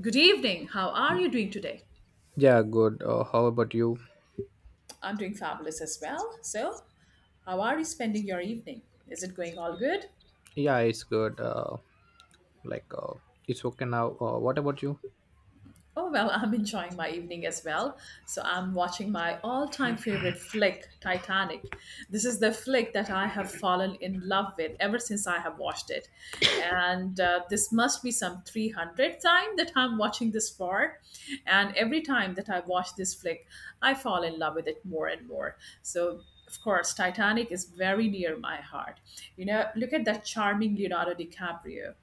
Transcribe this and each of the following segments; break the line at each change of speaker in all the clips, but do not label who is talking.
Good evening. How are you doing today?
Yeah, good. How about you?
I'm doing fabulous as well. So, how are you spending your evening? Is it going all good?
Yeah, it's good. Like, uh, it's okay now. What about you?
Oh, well, I'm enjoying my evening as well. So I'm watching my all time favorite flick, Titanic. This is the flick that I have fallen in love with ever since I have watched it. And this must be some 300th time that I'm watching this for. And every time that I watch this flick, I fall in love with it more and more. So of course, Titanic is very near my heart. You know, look at that charming Leonardo DiCaprio.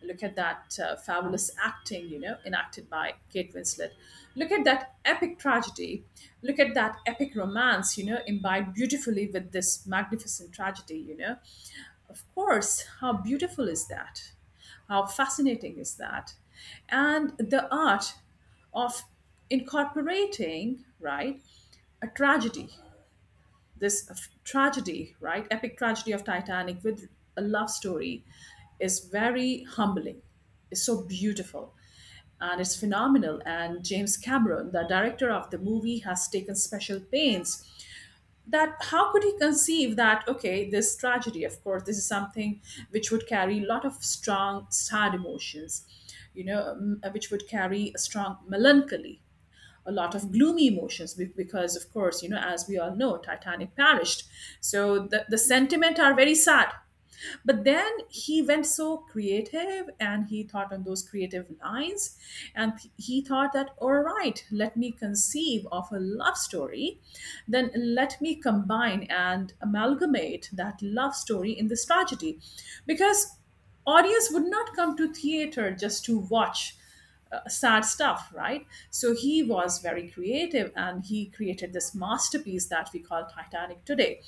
Look at that fabulous acting, enacted by Kate Winslet. Look at that epic tragedy. Look at that epic romance, imbibed beautifully with this magnificent tragedy. Of course, how beautiful is that? How fascinating is that? And the art of incorporating, right, a tragedy tragedy, right? Epic tragedy of Titanic with a love story is very humbling. It's so beautiful and it's phenomenal. And James Cameron, the director of the movie, has taken special pains. That how could he conceive that, okay, this tragedy, of course, this is something which would carry a lot of strong sad emotions, which would carry a strong melancholy, a lot of gloomy emotions, because, of course, as we all know, Titanic perished. So the sentiment are very sad. But then he went so creative and he thought on those creative lines. And he thought that, all right, let me conceive of a love story. Then let me combine and amalgamate that love story in this tragedy, because audience would not come to theater just to watch sad stuff, right? So he was very creative and he created this masterpiece that we call Titanic today.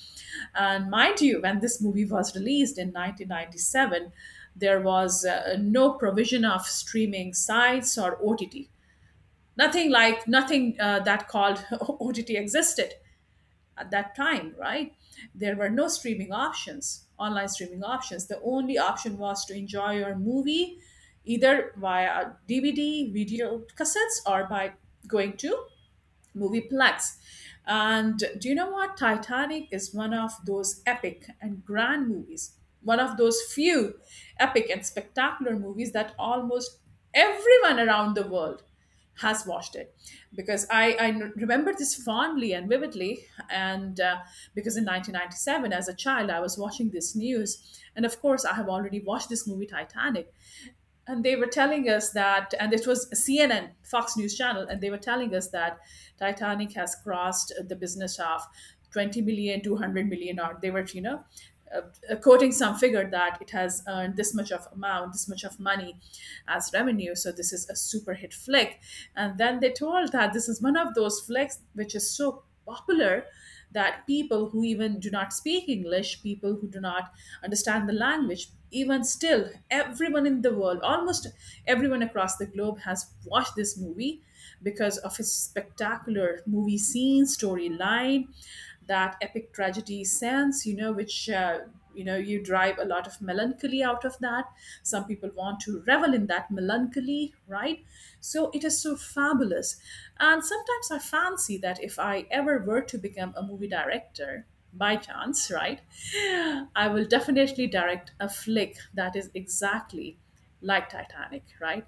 And mind you, when this movie was released in 1997, there was no provision of streaming sites or OTT. Nothing that called OTT existed at that time, right? There were no streaming options, online streaming options. The only option was to enjoy your movie either via DVD, video cassettes, or by going to movieplex. And do you know what? Titanic is one of those epic and grand movies, one of those few epic and spectacular movies that almost everyone around the world has watched it, because I remember this fondly and vividly. And because in 1997, as a child, I was watching this news. And of course, I have already watched this movie Titanic, and they were telling us that, and it was CNN, Fox News Channel, and they were telling us that Titanic has crossed the business of 20 million, 200 million, or they were, uh, quoting some figure that it has earned this much of amount, this much of money as revenue. So this is a super hit flick. And then they told that this is one of those flicks which is so popular that people who even do not speak English, people who do not understand the language, even still, everyone in the world, almost everyone across the globe has watched this movie because of its spectacular movie scene, storyline, that epic tragedy sense, which you drive a lot of melancholy out of that. Some people want to revel in that melancholy, right? So it is so fabulous. And sometimes I fancy that if I ever were to become a movie director, by chance, right, I will definitely direct a flick that is exactly like Titanic, right?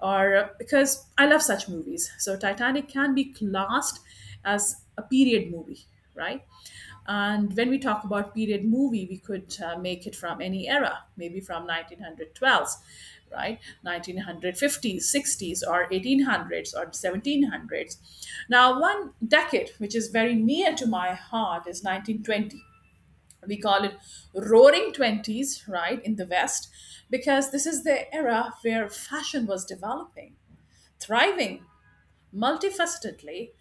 Or because I love such movies. So Titanic can be classed as a period movie, right? And when we talk about period movie, we could make it from any era, maybe from 1912, right? 1950s, 60s, or 1800s, or 1700s. Now, one decade which is very near to my heart is 1920. We call it roaring 20s, right, in the west, because this is the era where fashion was developing, thriving, multifacetedly,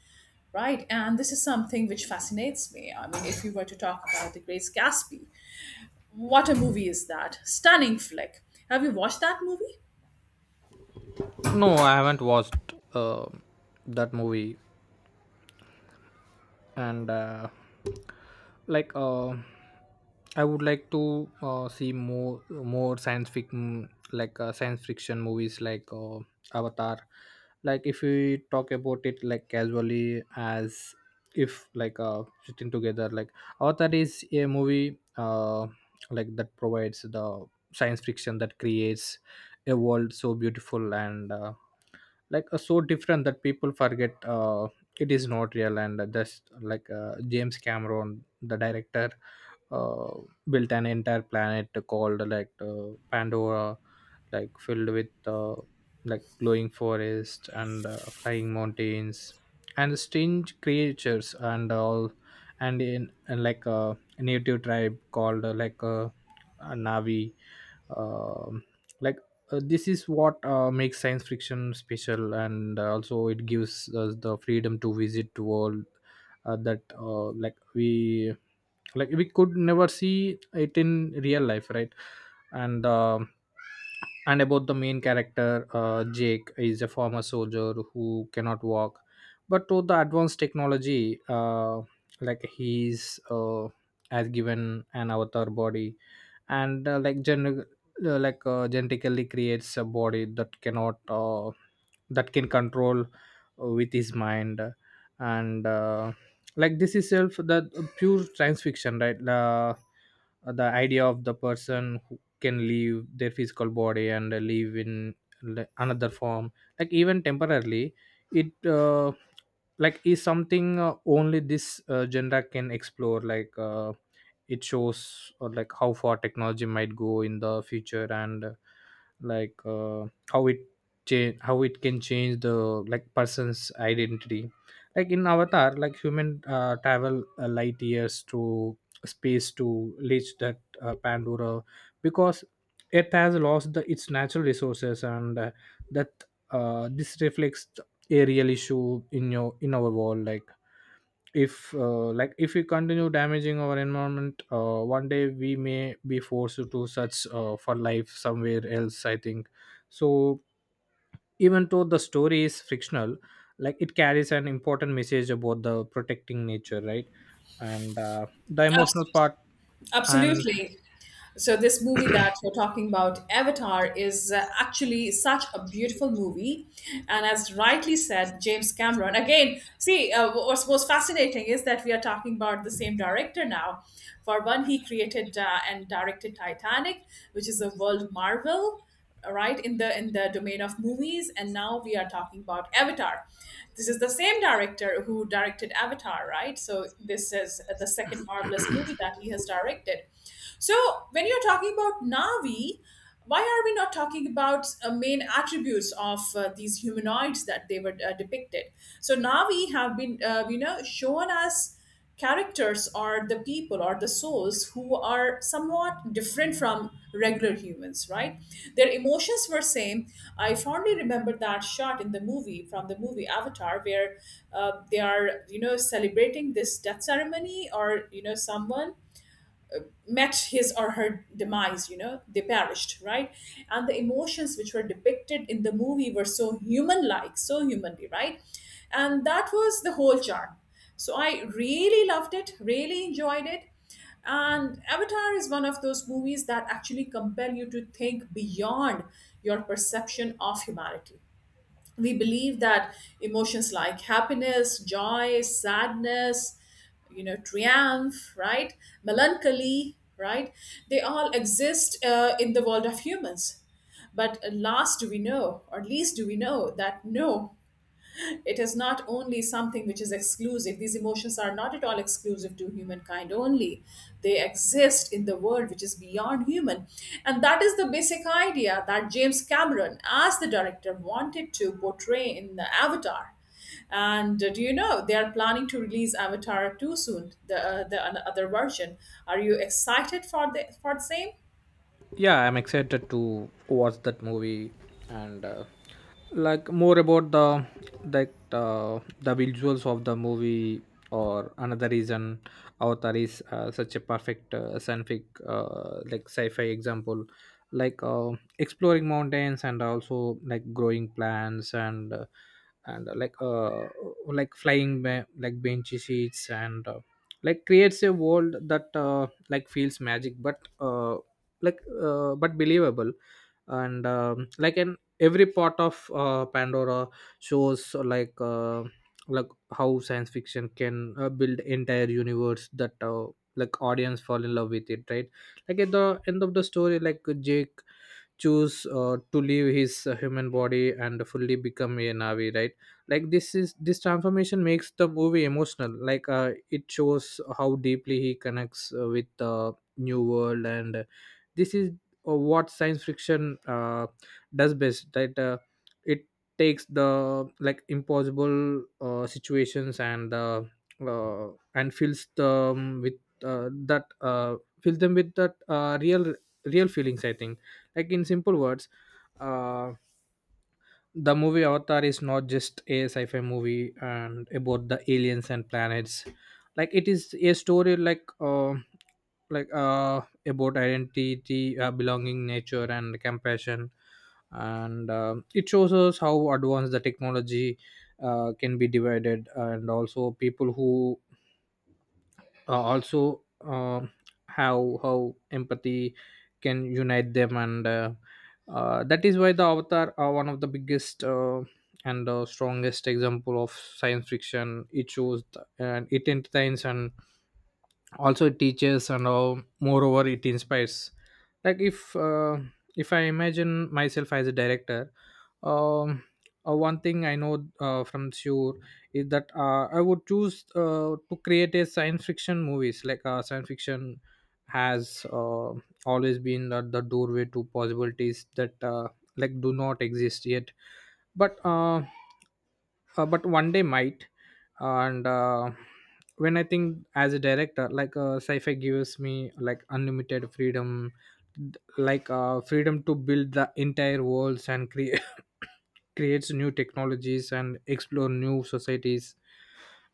right? And this is something which fascinates me. I mean, if you were to talk about the Grace Gatsby, what a movie is that, stunning flick! Have you watched that movie?
No, I haven't watched that movie, and like, uh, I would like to see more science fiction, like science fiction movies like Avatar. Like if we talk about it like casually, as if like sitting together, like Avatar is a movie like that provides the science fiction that creates a world so beautiful, and so different that people forget it is not real. And just like James Cameron, the director, uh, built an entire planet called like Pandora, like filled with like glowing forest and flying mountains and strange creatures and all. And in and like a native tribe called a Navi. um, like this is what makes science fiction special. And also it gives us the freedom to visit to world that like we could never see it in real life, right? And um and about the main character, Jake is a former soldier who cannot walk, but to the advanced technology, like he's has given an avatar body, and genetically creates a body that cannot that can control with his mind. And like this is self the pure science fiction, right? The idea of the person who can leave their physical body and live in another form, like even temporarily, it like is something only this genre can explore. Like it shows like how far technology might go in the future. And like uh, how it change, how it can change the like person's identity. Like in Avatar, like human travel light years to space to reach that Pandora, because Earth has lost its natural resources. And that this reflects a real issue in your in our world. Like if like if we continue damaging our environment, one day we may be forced to search for life somewhere else, I think. So even though the story is fictional, like it carries an important message about the protecting nature, right? And the emotional
Absolutely.
part, and
Absolutely. So this movie that you're talking about, Avatar, is actually such a beautiful movie, and as rightly said, James Cameron. Again, see, what's most fascinating is that we are talking about the same director now. For one, he created and directed Titanic, which is a world marvel, right, in the domain of movies. And now we are talking about Avatar. This is the same director who directed Avatar, right? So this is the second marvelous movie that he has directed. So when you're talking about Navi, why are we not talking about main attributes of these humanoids that they were depicted? So Navi have been shown us. Characters are the people or the souls who are somewhat different from regular humans, right? Their emotions were same. I fondly remember that shot in the movie, from the movie Avatar, where they are, celebrating this death ceremony, or someone met his or her demise, they perished, right? And the emotions which were depicted in the movie were so human like, so humanly, right? And that was the whole charm. So I really loved it, really enjoyed it. And Avatar is one of those movies that actually compel you to think beyond your perception of humanity. We believe that emotions like happiness, joy, sadness, triumph, right, melancholy, right, they all exist in the world of humans. But last, do we know, or least do we know, that, no, it is not only something which is exclusive. These emotions are not at all exclusive to humankind only. They exist in the world which is beyond human. And that is the basic idea that James Cameron, as the director, wanted to portray in the Avatar. And do you know they are planning to release Avatar 2 soon, the other version? Are you excited for the same?
yeah, I'm excited to watch that movie. And like more about the visuals of the movie, or another reason Avatar is such a perfect scientific like sci-fi example. Like exploring mountains and also like growing plants, and and uh, like uh, like flying like benchy seats, and like creates a world that like feels magic, but but believable. And um, like an every part of Pandora shows like how science fiction can build entire universe that like audience fall in love with it, right? Like at the end of the story, like Jake choose to leave his human body and fully become a Navi, right? Like this transformation makes the movie emotional. Like it shows how deeply he connects with the new world. And this is what science fiction does best, right? It takes the like impossible situations and uh, and fills them with that fill them with that real real feelings, I think. Like in simple words, uh, the movie Avatar is not just a sci-fi movie and about the aliens and planets. Like it is a story like uh, about identity, belonging, nature and compassion. And it shows us how advanced the technology can be divided, and also people who also how empathy can unite them. And that is why the Avatar are one of the biggest and strongest example of science fiction. It shows and it entertains, and also it teaches and all. Moreover, it inspires. Like if I imagine myself as a director, um one thing I know from sure is that I would choose to create a science fiction movies. Like science fiction has always been the doorway to possibilities that like do not exist yet, but uh, but one day might. And when I think as a director, like sci-fi gives me like unlimited freedom, like freedom to build the entire worlds and create creates new technologies and explore new societies.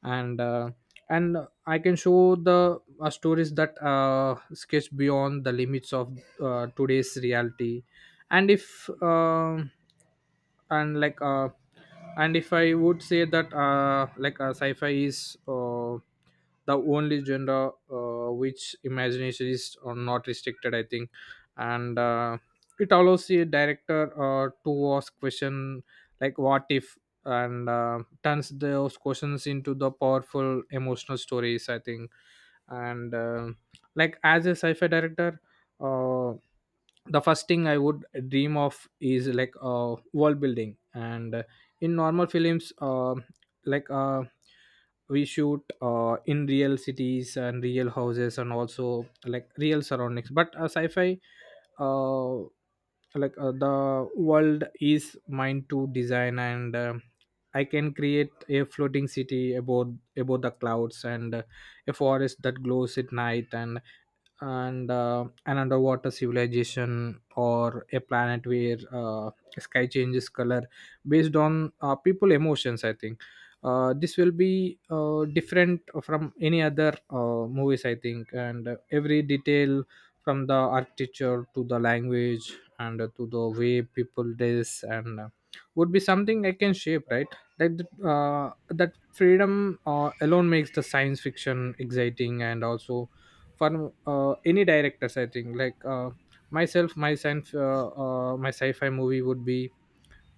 And and I can show the stories that sketch beyond the limits of today's reality. And if and like and if I would say that sci-fi is the only genre which imagination is not restricted, I think. And it allows a director to ask question like what if, and turns those questions into the powerful emotional stories, I think. And like as a sci-fi director, uh, the first thing I would dream of is like world building. And in normal films, like uh, we shoot in real cities and real houses and also like real surroundings, but sci-fi, uh, the world is mine to design. And I can create a floating city above the clouds, and a forest that glows at night, and an underwater civilization, or a planet where sky changes color based on people emotions, I think. This will be different from any other movies, I think. And every detail, from the architecture to the language and to the way people dress, and would be something I can shape, right? like the- uh, that freedom alone makes the science fiction exciting. And also, for any directors, I think, like myself, my science my sci-fi movie would be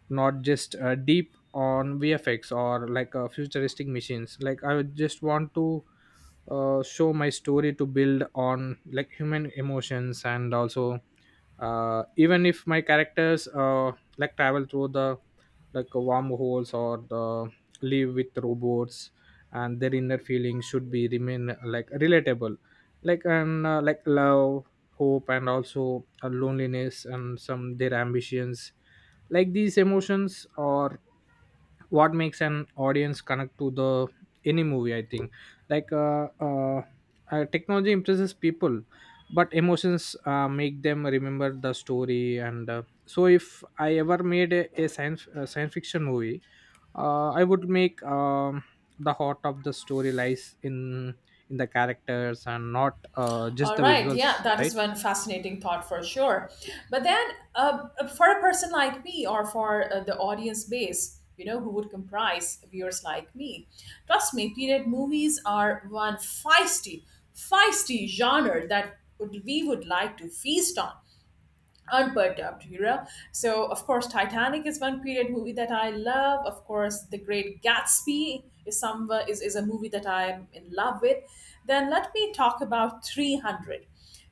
not just deep on VFX or like futuristic machines. Like I would just want to show my story to build on like human emotions. And also, even if my characters like travel through the wormholes, or the live with robots, and their inner feelings should be remain like relatable. Like, and like love, hope, and also loneliness, and some their ambitions. Like these emotions are what makes an audience connect to the any movie, I think. like uh, uh, Technology impresses people, but emotions make them remember the story. And so if I ever made a science, a science fiction movie, I would make the heart of the story lies in the characters and not just
All
the
right, yeah,
visuals,
that is
right?
one fascinating thought for sure. But then, for a person like me, or for the audience base, who would comprise viewers like me, trust me, period movies are one feisty, feisty genre that we would like to feast on unperturbed. So of course, Titanic is one period movie that I love. Of course, the Great Gatsby is a movie that I am in love with. Then let me talk about 300.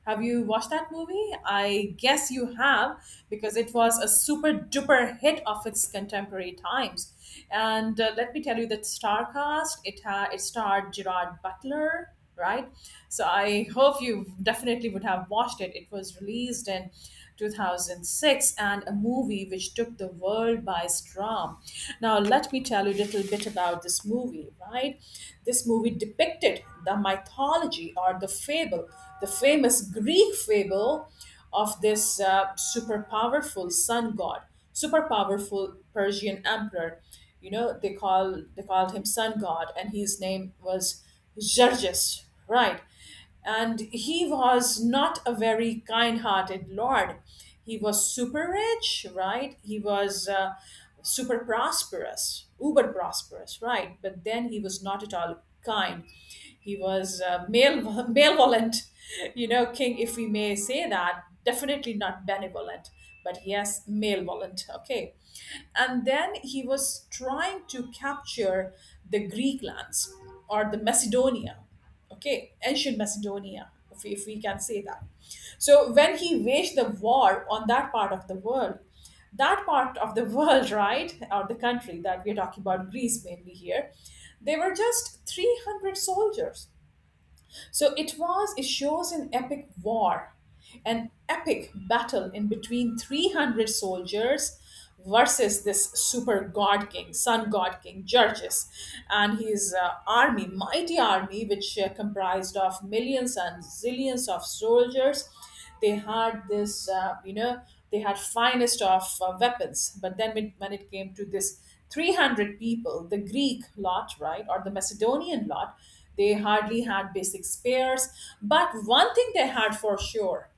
Have you watched that movie? I guess you have, because it was a super duper hit of its contemporary times. And let me tell you that star cast it had, it starred Gerard Butler, right? So I hope you definitely would have watched it. It was released in 2006, and a movie which took the world by storm. Now, let me tell you a little bit about this movie, right? This movie depicted the mythology or the fable, the famous Greek fable of this super powerful sun god, super powerful Persian emperor. You know, they called him sun god, and his name was Xerxes, right? And he was not a very kind-hearted lord. He was super rich, right? He was super prosperous, uber prosperous, right? But then he was not at all kind. He was male malevolent, king, if we may say that, definitely not benevolent, but yes, malevolent, okay. And then he was trying to capture the Greek lands, or the Macedonia, okay, ancient Macedonia, if we can say that. So when he waged the war on that part of the world that part of the world right, or the country that we're talking about, Greece mainly here, they were just 300 soldiers. So it shows an epic war, an epic battle in between 300 soldiers versus this super god king, sun god king, Georges, and his army, mighty army, which comprised of millions and zillions of soldiers. They had this, you know, they had finest of weapons. But then when it came to this 300 people, the Greek lot, right, or the Macedonian lot, they hardly had basic spares. But one thing they had for sure,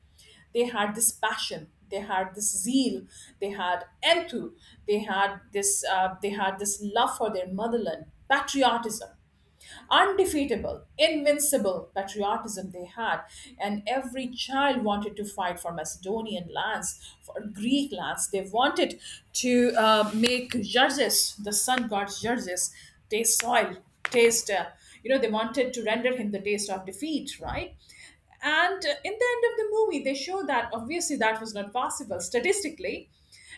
they had this passion, they had this zeal, they had enthu they had this love for their motherland. Patriotism, undefeatable, invincible patriotism they had. And every child wanted to fight for Macedonian lands, for Greek lands. They wanted to make Xerxes, the sun god Xerxes, taste soil, taste. They wanted to render him the taste of defeat, right? And In the end of the movie, they show that obviously that was not possible statistically,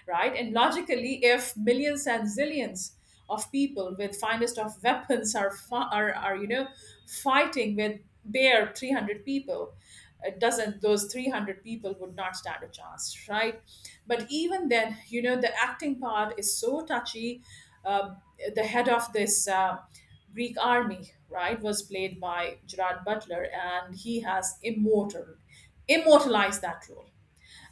right? And logically, if millions and zillions of people with finest of weapons are fighting with bare 300 people, doesn't those 300 people would not stand a chance, right? But even then, the acting part is so touchy. Um the head of this Greek army, right, was played by Gerard Butler, and he has immortalized that role.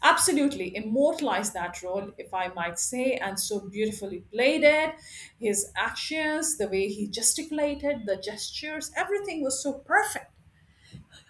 Absolutely immortalized that role, if I might say, and so beautifully played it. His actions, the way he gesticulated, the gestures, everything was so perfect.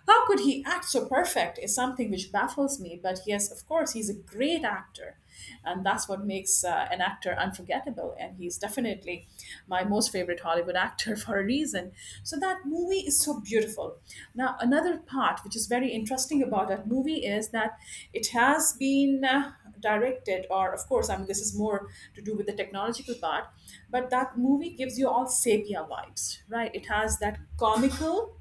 How could he act so perfect is something which baffles me. But yes, of course, he's a great actor. And that's what makes an actor unforgettable. And he's definitely my most favorite Hollywood actor for a reason. So that movie is so beautiful. Now, another part which is very interesting about that movie is that it has been directed, or of course, I mean, this is more to do with the technological part, but that movie gives you all sepia vibes, right? It has that comical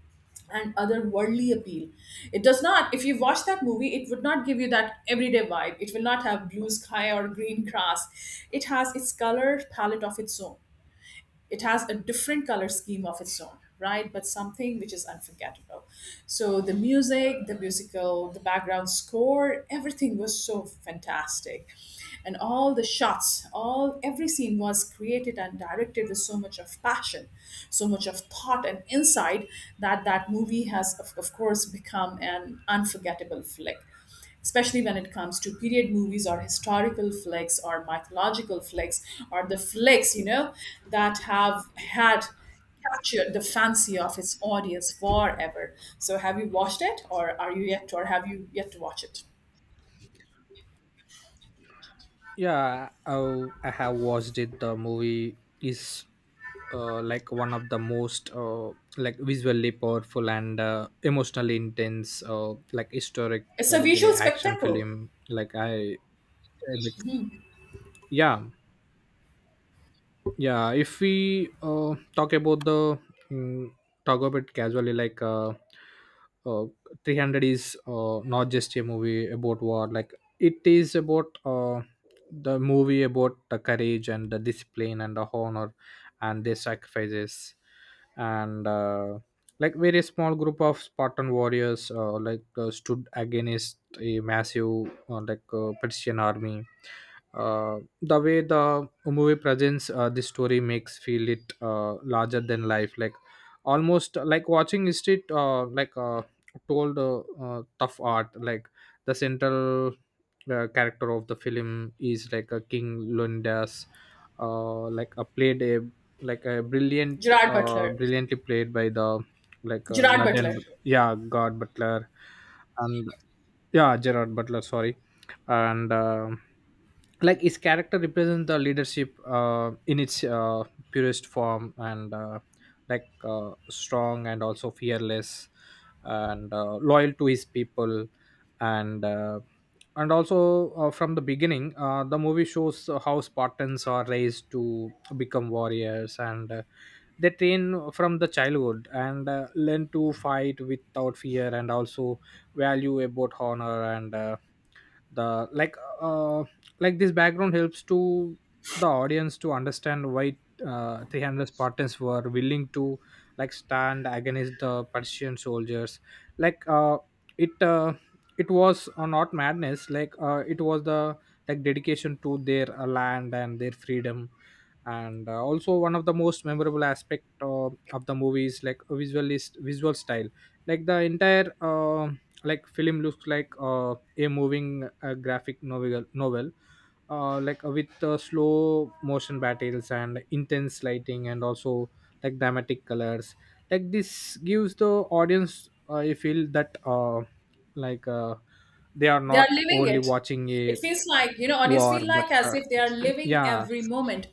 and otherworldly appeal. It does not, if you watch that movie, it would not give you that everyday vibe. It will not have blue sky or green grass. It has its color palette of its own, it has a different color scheme of its own, right? But something which is unforgettable. So the music, the musical, the background score, everything was so fantastic, and all the shots, all every scene was created and directed with so much of passion, so much of thought and insight, that that movie has, of course, become an unforgettable flick, especially when it comes to period movies or historical flicks or mythological flicks, or the flicks, you know, that have had captured the fancy of its audience forever. So have you watched it, or are you yet, or have you yet to watch it?
Yeah, I have watched it. The movie is like one of the most like visually powerful and emotionally intense, historic,
It's
uh,
a
like,
visual
like action
spectacle.
film. I like, yeah, yeah, if we talk about mm, talk about it casually, like uh, 300 is not just a movie about war. Like it is about the movie about the courage and the discipline and the honor and their sacrifices. And like very small group of Spartan warriors stood against a massive Persian army. The way the a movie presents this story makes feel it larger than life, like almost like watching is it told tough art. Like the central character of the film is like a king, Lundas, like a played a like a brilliant,
Gerard Butler.
brilliantly played by the
Gerard
Garden,
Butler.
yeah, God Butler. And yeah, Gerard Butler, sorry. And like his character represents the leadership in its purest form. And strong and also fearless, and loyal to his people. And and also from the beginning, the movie shows how Spartans are raised to become warriors. And they train from the childhood and learn to fight without fear, and also value about honor. And the like uh, like this background helps to the audience to understand why 300 Spartans were willing to like stand against the Persian soldiers. like uh, it uh, it was not madness. It was the like dedication to their land and their freedom. And also, one of the most memorable aspect of the movie is like a visual style. Like the entire like film looks like a moving graphic novel, with slow motion battles and intense lighting, and also like dramatic colors. Like this gives the audience a feel that like uh, they are
They are
not
living
only
it.
watching
It
a
feels like, you know, audience
war,
feel
but
like as if they are living
yeah,
every moment.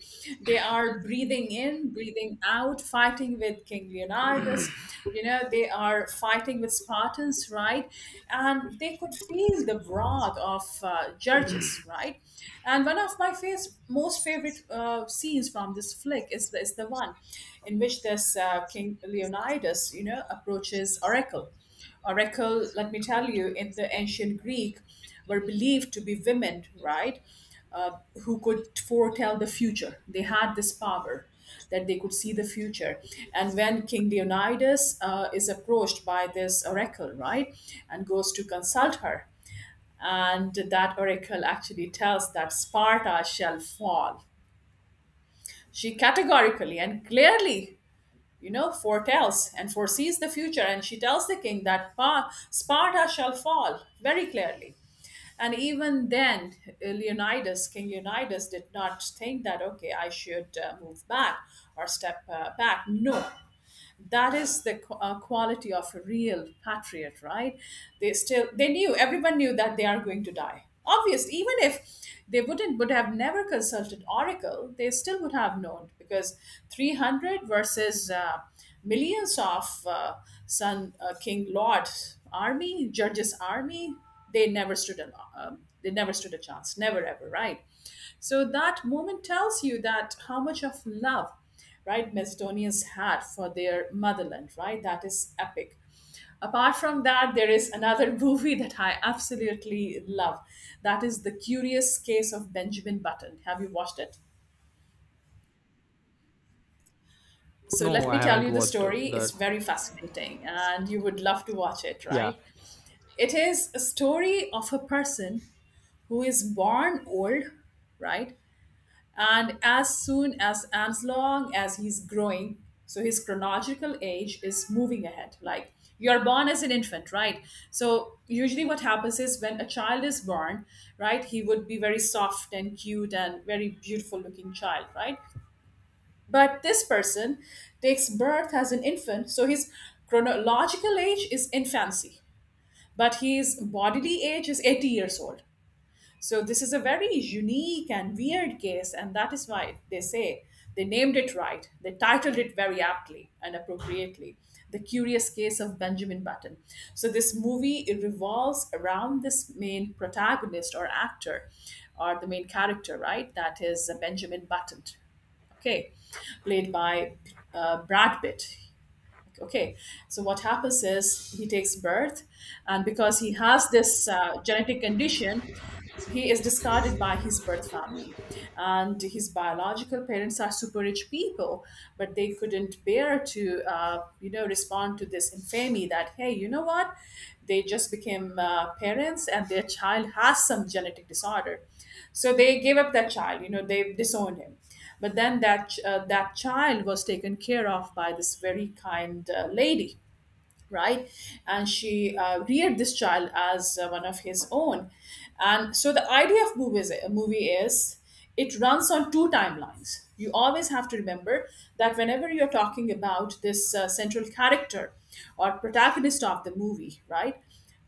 They are breathing in, breathing out, fighting with King Leonidas, you know, they are fighting with Spartans, right? And they could feel the wrath of Judges, right? And one of my most favorite scenes from this flick is is the one in which this King Leonidas, you know, approaches Oracle. Oracle, let me tell you, in the ancient Greek, were believed to be women, right? Uh, who could foretell the future. They had this power that they could see the future. And when King Leonidas is approached by this oracle, right, and goes to consult her, and that oracle actually tells that Sparta shall fall. She categorically and clearly, you know, foretells and foresees the future. And she tells the king that Sparta shall fall very clearly. And even then, King Leonidas did not think that, okay, I should move back or step back. No, that is the quality of a real patriot, right? They knew, everyone knew that they are going to die, obviously. Even if they would have never consulted oracle, they still would have known, because 300 versus millions of son king lord army, Judges' army, they never stood a, they never stood a chance, never ever, right? So that moment tells you that how much of love, right, Macedonians had for their motherland, right? That is epic. Apart from that, there is another movie that I absolutely love. That is The Curious Case of Benjamin Button. Have you watched it? So
no,
let me
I
tell
haven't
you the
watched
story. It's
that.
very fascinating and you would love to watch it,
Yeah,
right? It is a story of a person who is born old, right? And as soon as long as he's growing, so his chronological age is moving ahead. Like, you're born as an infant, right? So usually what happens is when a child is born, right, he would be very soft and cute and very beautiful looking child, right? But this person takes birth as an infant, so his chronological age is infancy, but his bodily age is 80 years old. So this is a very unique and weird case, and that is why they say they named it right. They titled it very aptly and appropriately, "The Curious Case of Benjamin Button." So this movie, it revolves around this main protagonist or actor, or the main character, right? That is Benjamin Button. Okay, played by Brad Pitt. Okay, so what happens is he takes birth, and because he has this genetic condition, he is discarded by his birth family, and his biological parents are super rich people, but they couldn't bear to you know, respond to this infamy that, hey, you know what, they just became parents and their child has some genetic disorder, so they gave up that child, you know, they disowned him. But then that that child was taken care of by this very kind lady, right? And she reared this child as one of his own. And so the idea of a movie is, it runs on two timelines. You always have to remember that whenever you're talking about this central character or protagonist of the movie, right,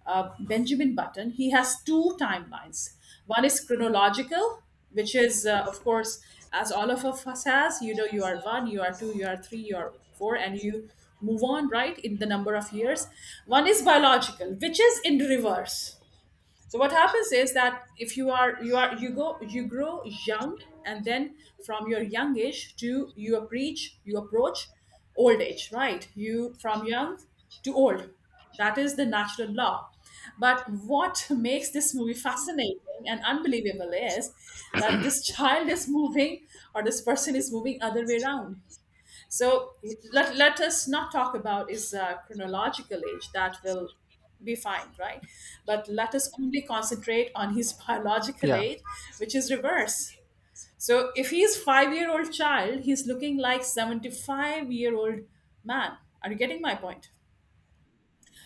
Benjamin Button, he has two timelines. One is chronological, which is, of course, as all of us has, you know, you are one, you are two, you are three, you are four, and you move on, right, in the number of years. One is biological, which is in reverse. So what happens is that if you grow young, and then from your young age to you approach old age, right, you from young to old, that is the natural law. But what makes this movie fascinating and unbelievable is that this child is moving, or this person is moving other way around. So let us not talk about is chronological age, that will be fine, right? But let us only concentrate on his biological
yeah,
age, which is reverse. So if he's 5 year old child, he's looking like 75 year old man. Are you getting my point?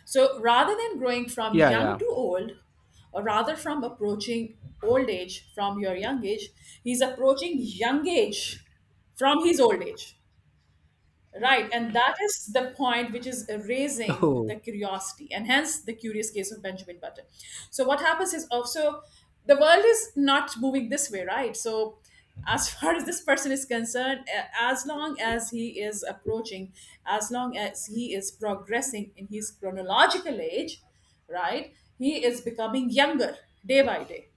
So rather than growing from
yeah.
young
Yeah.
to old, or rather from approaching old age from your young age, he's approaching young age from his old age. Right, and that is the point which is raising
Oh.
the curiosity, and hence the curious case of Benjamin Button. So, what happens is also the world is not moving this way, right? So, as far as this person is concerned, as long as he is approaching, as long as he is progressing in his chronological age, right, he is becoming younger day by day.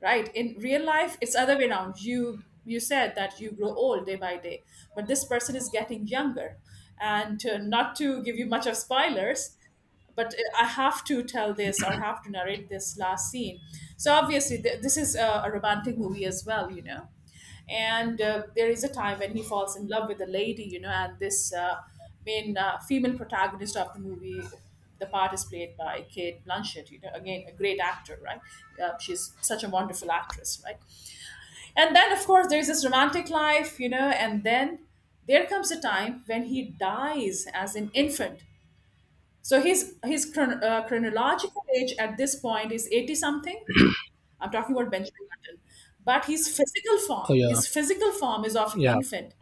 Right, in real life it's other way around, you said that you grow old day by day, but this person is getting younger. And not to give you much of spoilers, but I have to tell this or have to narrate this last scene. So obviously, this is a romantic movie as well, you know. And there is a time when he falls in love with a lady, you know, and this main female protagonist of the movie, the part is played by Kate Blanchett, you know, again, a great actor, right? She's such a wonderful actress, right? And then, of course, there's this romantic life, you know, and then there comes a time when he dies as an infant. So his chronological age at this point is 80 something. I'm talking about Benjamin Button. But
Oh yeah,
his physical form is of
yeah,
infant.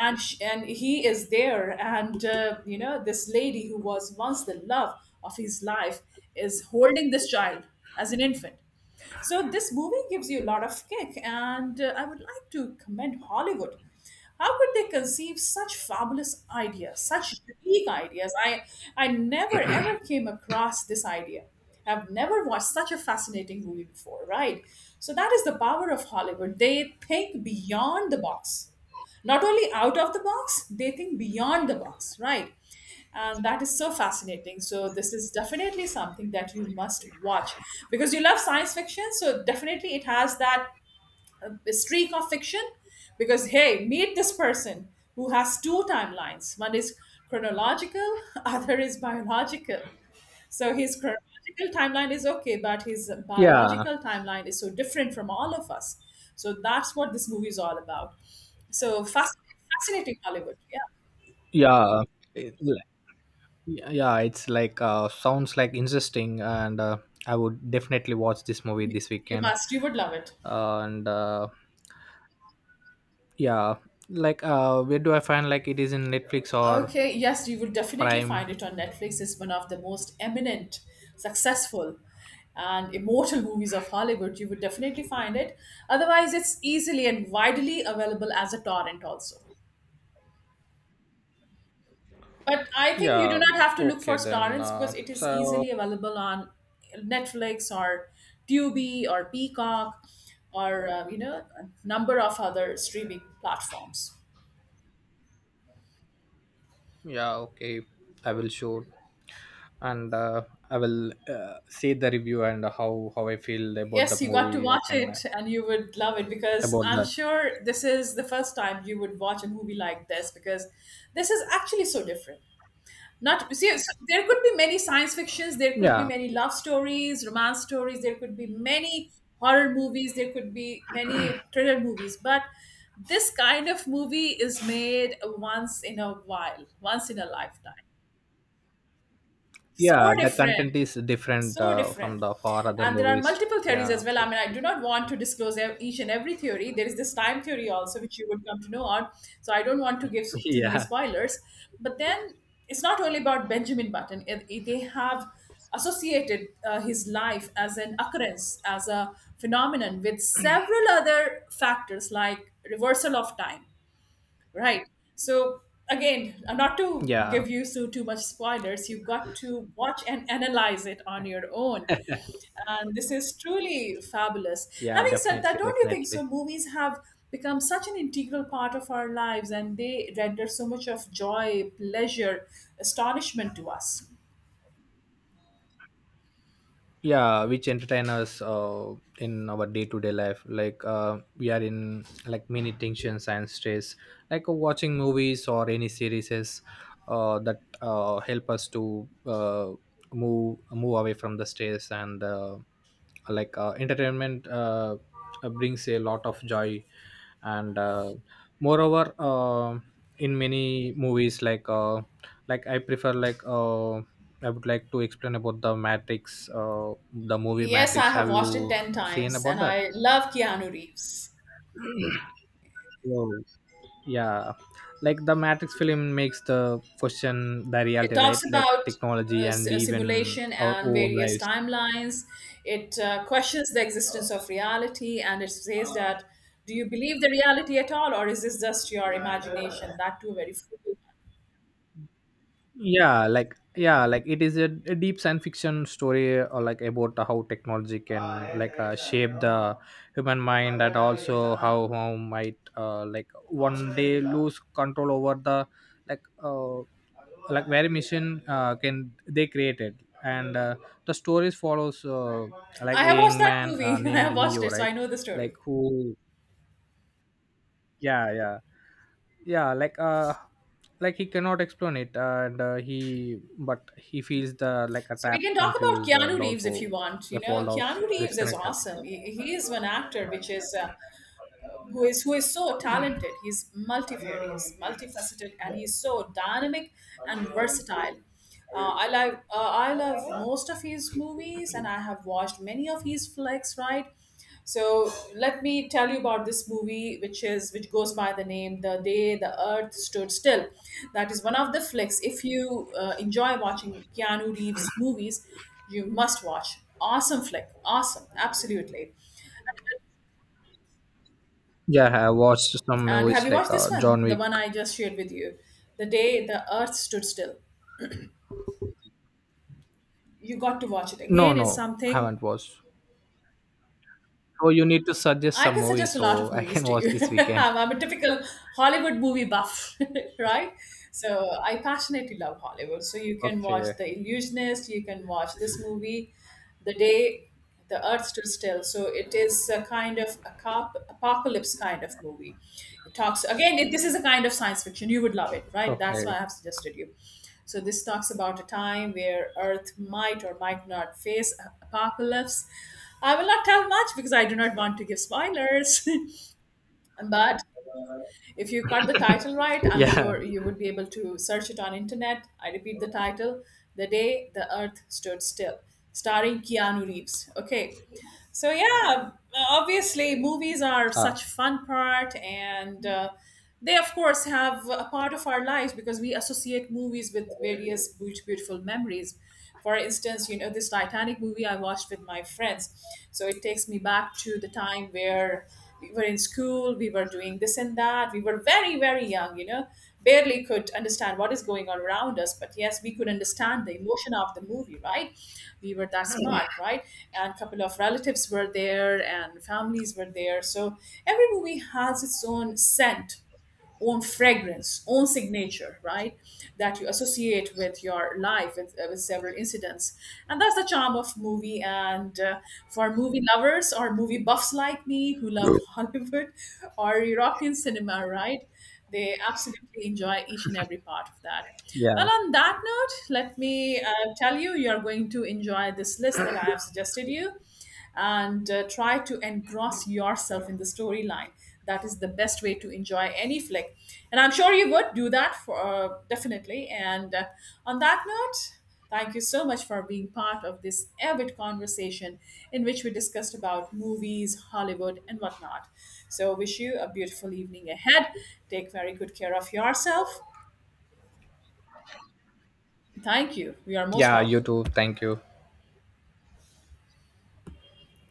And he is there, and you know, this lady who was once the love of his life is holding this child as an infant. So this movie gives you a lot of kick, and I would like to commend Hollywood, how could they conceive such fabulous ideas, such unique ideas. I never ever came across this idea. I've never watched such a fascinating movie before, right? So that is the power of Hollywood. They think beyond the box, not only out of the box, they think beyond the box, right? And that is so fascinating. So this is definitely something that you must watch, because you love science fiction, so definitely it has that streak of fiction, because, hey, meet this person who has two timelines. One is chronological, other is biological. So his chronological timeline is okay, but his
yeah,
biological timeline is so different from all of us. So that's what this movie is all about. So fascinating, fascinating Hollywood. Yeah,
yeah, yeah. Yeah, yeah, it's like sounds like interesting, and I would definitely watch this movie
you,
this
you
weekend.
must. You would love it.
And yeah, like where do I find, like, it is in Netflix or
Okay, yes, you would definitely
Prime?
find it on Netflix. It's one of the most eminent, successful, and immortal movies of Hollywood. You would definitely find it. Otherwise, it's easily and widely available as a torrent also. But I think you do
Yeah,
not have to look for
okay then.
Starrins because it is
So
easily available on Netflix or Tubi or Peacock or a number of other streaming platforms.
yeah, okay, I will show, and I will see the review and how I feel about the
Yes, you got to
movie. I
watch
can
it and you would love it because
about
I'm
that.
sure this is the first time you would watch a movie like this because this is actually so different. Not see, so there could be many science fictions, there could be
Yeah,
many love stories, romance stories, there could be many horror movies, there could be many thriller movies, but this kind of movie is made once in a while, once in a lifetime,
yeah,
so
the content
different,
is different
so
from
different.
the far other
And there are
movies.
multiple theories as
Yeah.
well. I mean, I do not want to disclose each and every theory. There is this time theory also, which you would come to know on. So I don't want to give too many
Yeah,
spoilers, but then it's not only about Benjamin Button. They have associated his life as an occurrence, as a phenomenon, with several other factors like reversal of time. Right. So again, not to
yeah,
give you so too much spoilers, you've got to watch and analyze it on your own. And this is truly fabulous.
yeah,
Having said
definitely,
that, don't you think so?
definitely,
Movies have become such an integral part of our lives, and they render so much of joy, pleasure, astonishment to us.
yeah, which entertain us in our day-to-day life. Like we are in like many tensions and stress. Like watching movies or any series that help us to move away from the stress. And entertainment brings a lot of joy. And moreover, in many movies, like I prefer, I would like to explain about the Matrix, the movie
Yes, I
Matrix. Have
have watched it
you
10
seen
times
about
and
that?
I love Keanu Reeves.
No. Yeah, like the Matrix film makes the question the
It
reality,
talks
right? Like
about
technology and even
simulation
our
and
own
various
lives.
timelines. It questions the existence of reality, and it says that, do you believe the reality at all, or is this just your imagination? That too, very fruity.
Yeah, like, yeah, like it is a deep science fiction story, or like about how technology can like shape the human mind, and also how might like one day lose control over the like uh, like very mission can they created. And the stories follows like
I
a
have watched
young
that
man
movie. I have
named
watched
Neo,
it, so
right?
I know the
like
story.
who Yeah, yeah, yeah, like he cannot explain it. And he but he feels the like a
So we
trapped,
can talk about
confused,
Keanu
and
Reeves if you
also
want. You
the
know,
fault of
Keanu Reeves is
disconnected.
awesome. He is one actor which is who is so talented. He's multifarious, multifaceted, and he's so dynamic and versatile. I love most of his movies, and I have watched many of his flicks. Right, so let me tell you about this movie, which goes by the name "The Day the Earth Stood Still." That is one of the flicks. If you enjoy watching Keanu Reeves movies, you must watch. Awesome flick, awesome, absolutely.
Yeah, I watched some
And have
movies
you
like
watched this one?
John
The
Wick.
one I just shared with you. The Day the Earth Stood Still. You got to watch it.
No,
Again, it's
no,
something.
haven't watched. Oh, you need to suggest
I
some
can
movies
suggest a lot of
so I
movies
can
to
watch
you.
this weekend.
I'm a typical Hollywood movie buff, right? So I passionately love Hollywood. So you can watch
Okay.
The Illusionist, you can watch this movie, The Day the Earth Stood Still. So it is a kind of a cop, apocalypse kind of movie. It talks, again, it, this is a kind of science fiction. You would love it, right? That's why
Okay.
I have suggested you. So this talks about a time where Earth might or might not face apocalypse. I will not tell much because I do not want to give spoilers. But if you got the title right, I'm
Yeah.
sure you would be able to search it on internet. I repeat the title, The Day the Earth Stood Still, starring Keanu Reeves, okay? So yeah, obviously movies are
Uh,
such fun part, and they of course have a part of our lives because we associate movies with various beautiful memories. For instance, you know, this Titanic movie I watched with my friends, so it takes me back to the time where we were in school, we were doing this and that, we were very very young, you know, barely could understand what is going on around us. But yes, we could understand the emotion of the movie, right? We were that smart, right? And a couple of relatives were there, and families were there. So every movie has its own scent, own fragrance, own signature, right? That you associate with your life, with several incidents. And that's the charm of movie. And For movie lovers or movie buffs like me who love Hollywood or European cinema, right? They absolutely enjoy each and every part of that.
yeah.
Well, on that note, let me tell you, you're going to enjoy this list that I have suggested you, and try to engross yourself in the storyline. That is the best way to enjoy any flick. And I'm sure you would do that for definitely. And On that note, thank you so much for being part of this avid conversation in which we discussed about movies, Hollywood, and whatnot. So, wish you a beautiful evening ahead. Take very good care of yourself. Thank you. We are most
Yeah, you
welcome.
too. Thank you.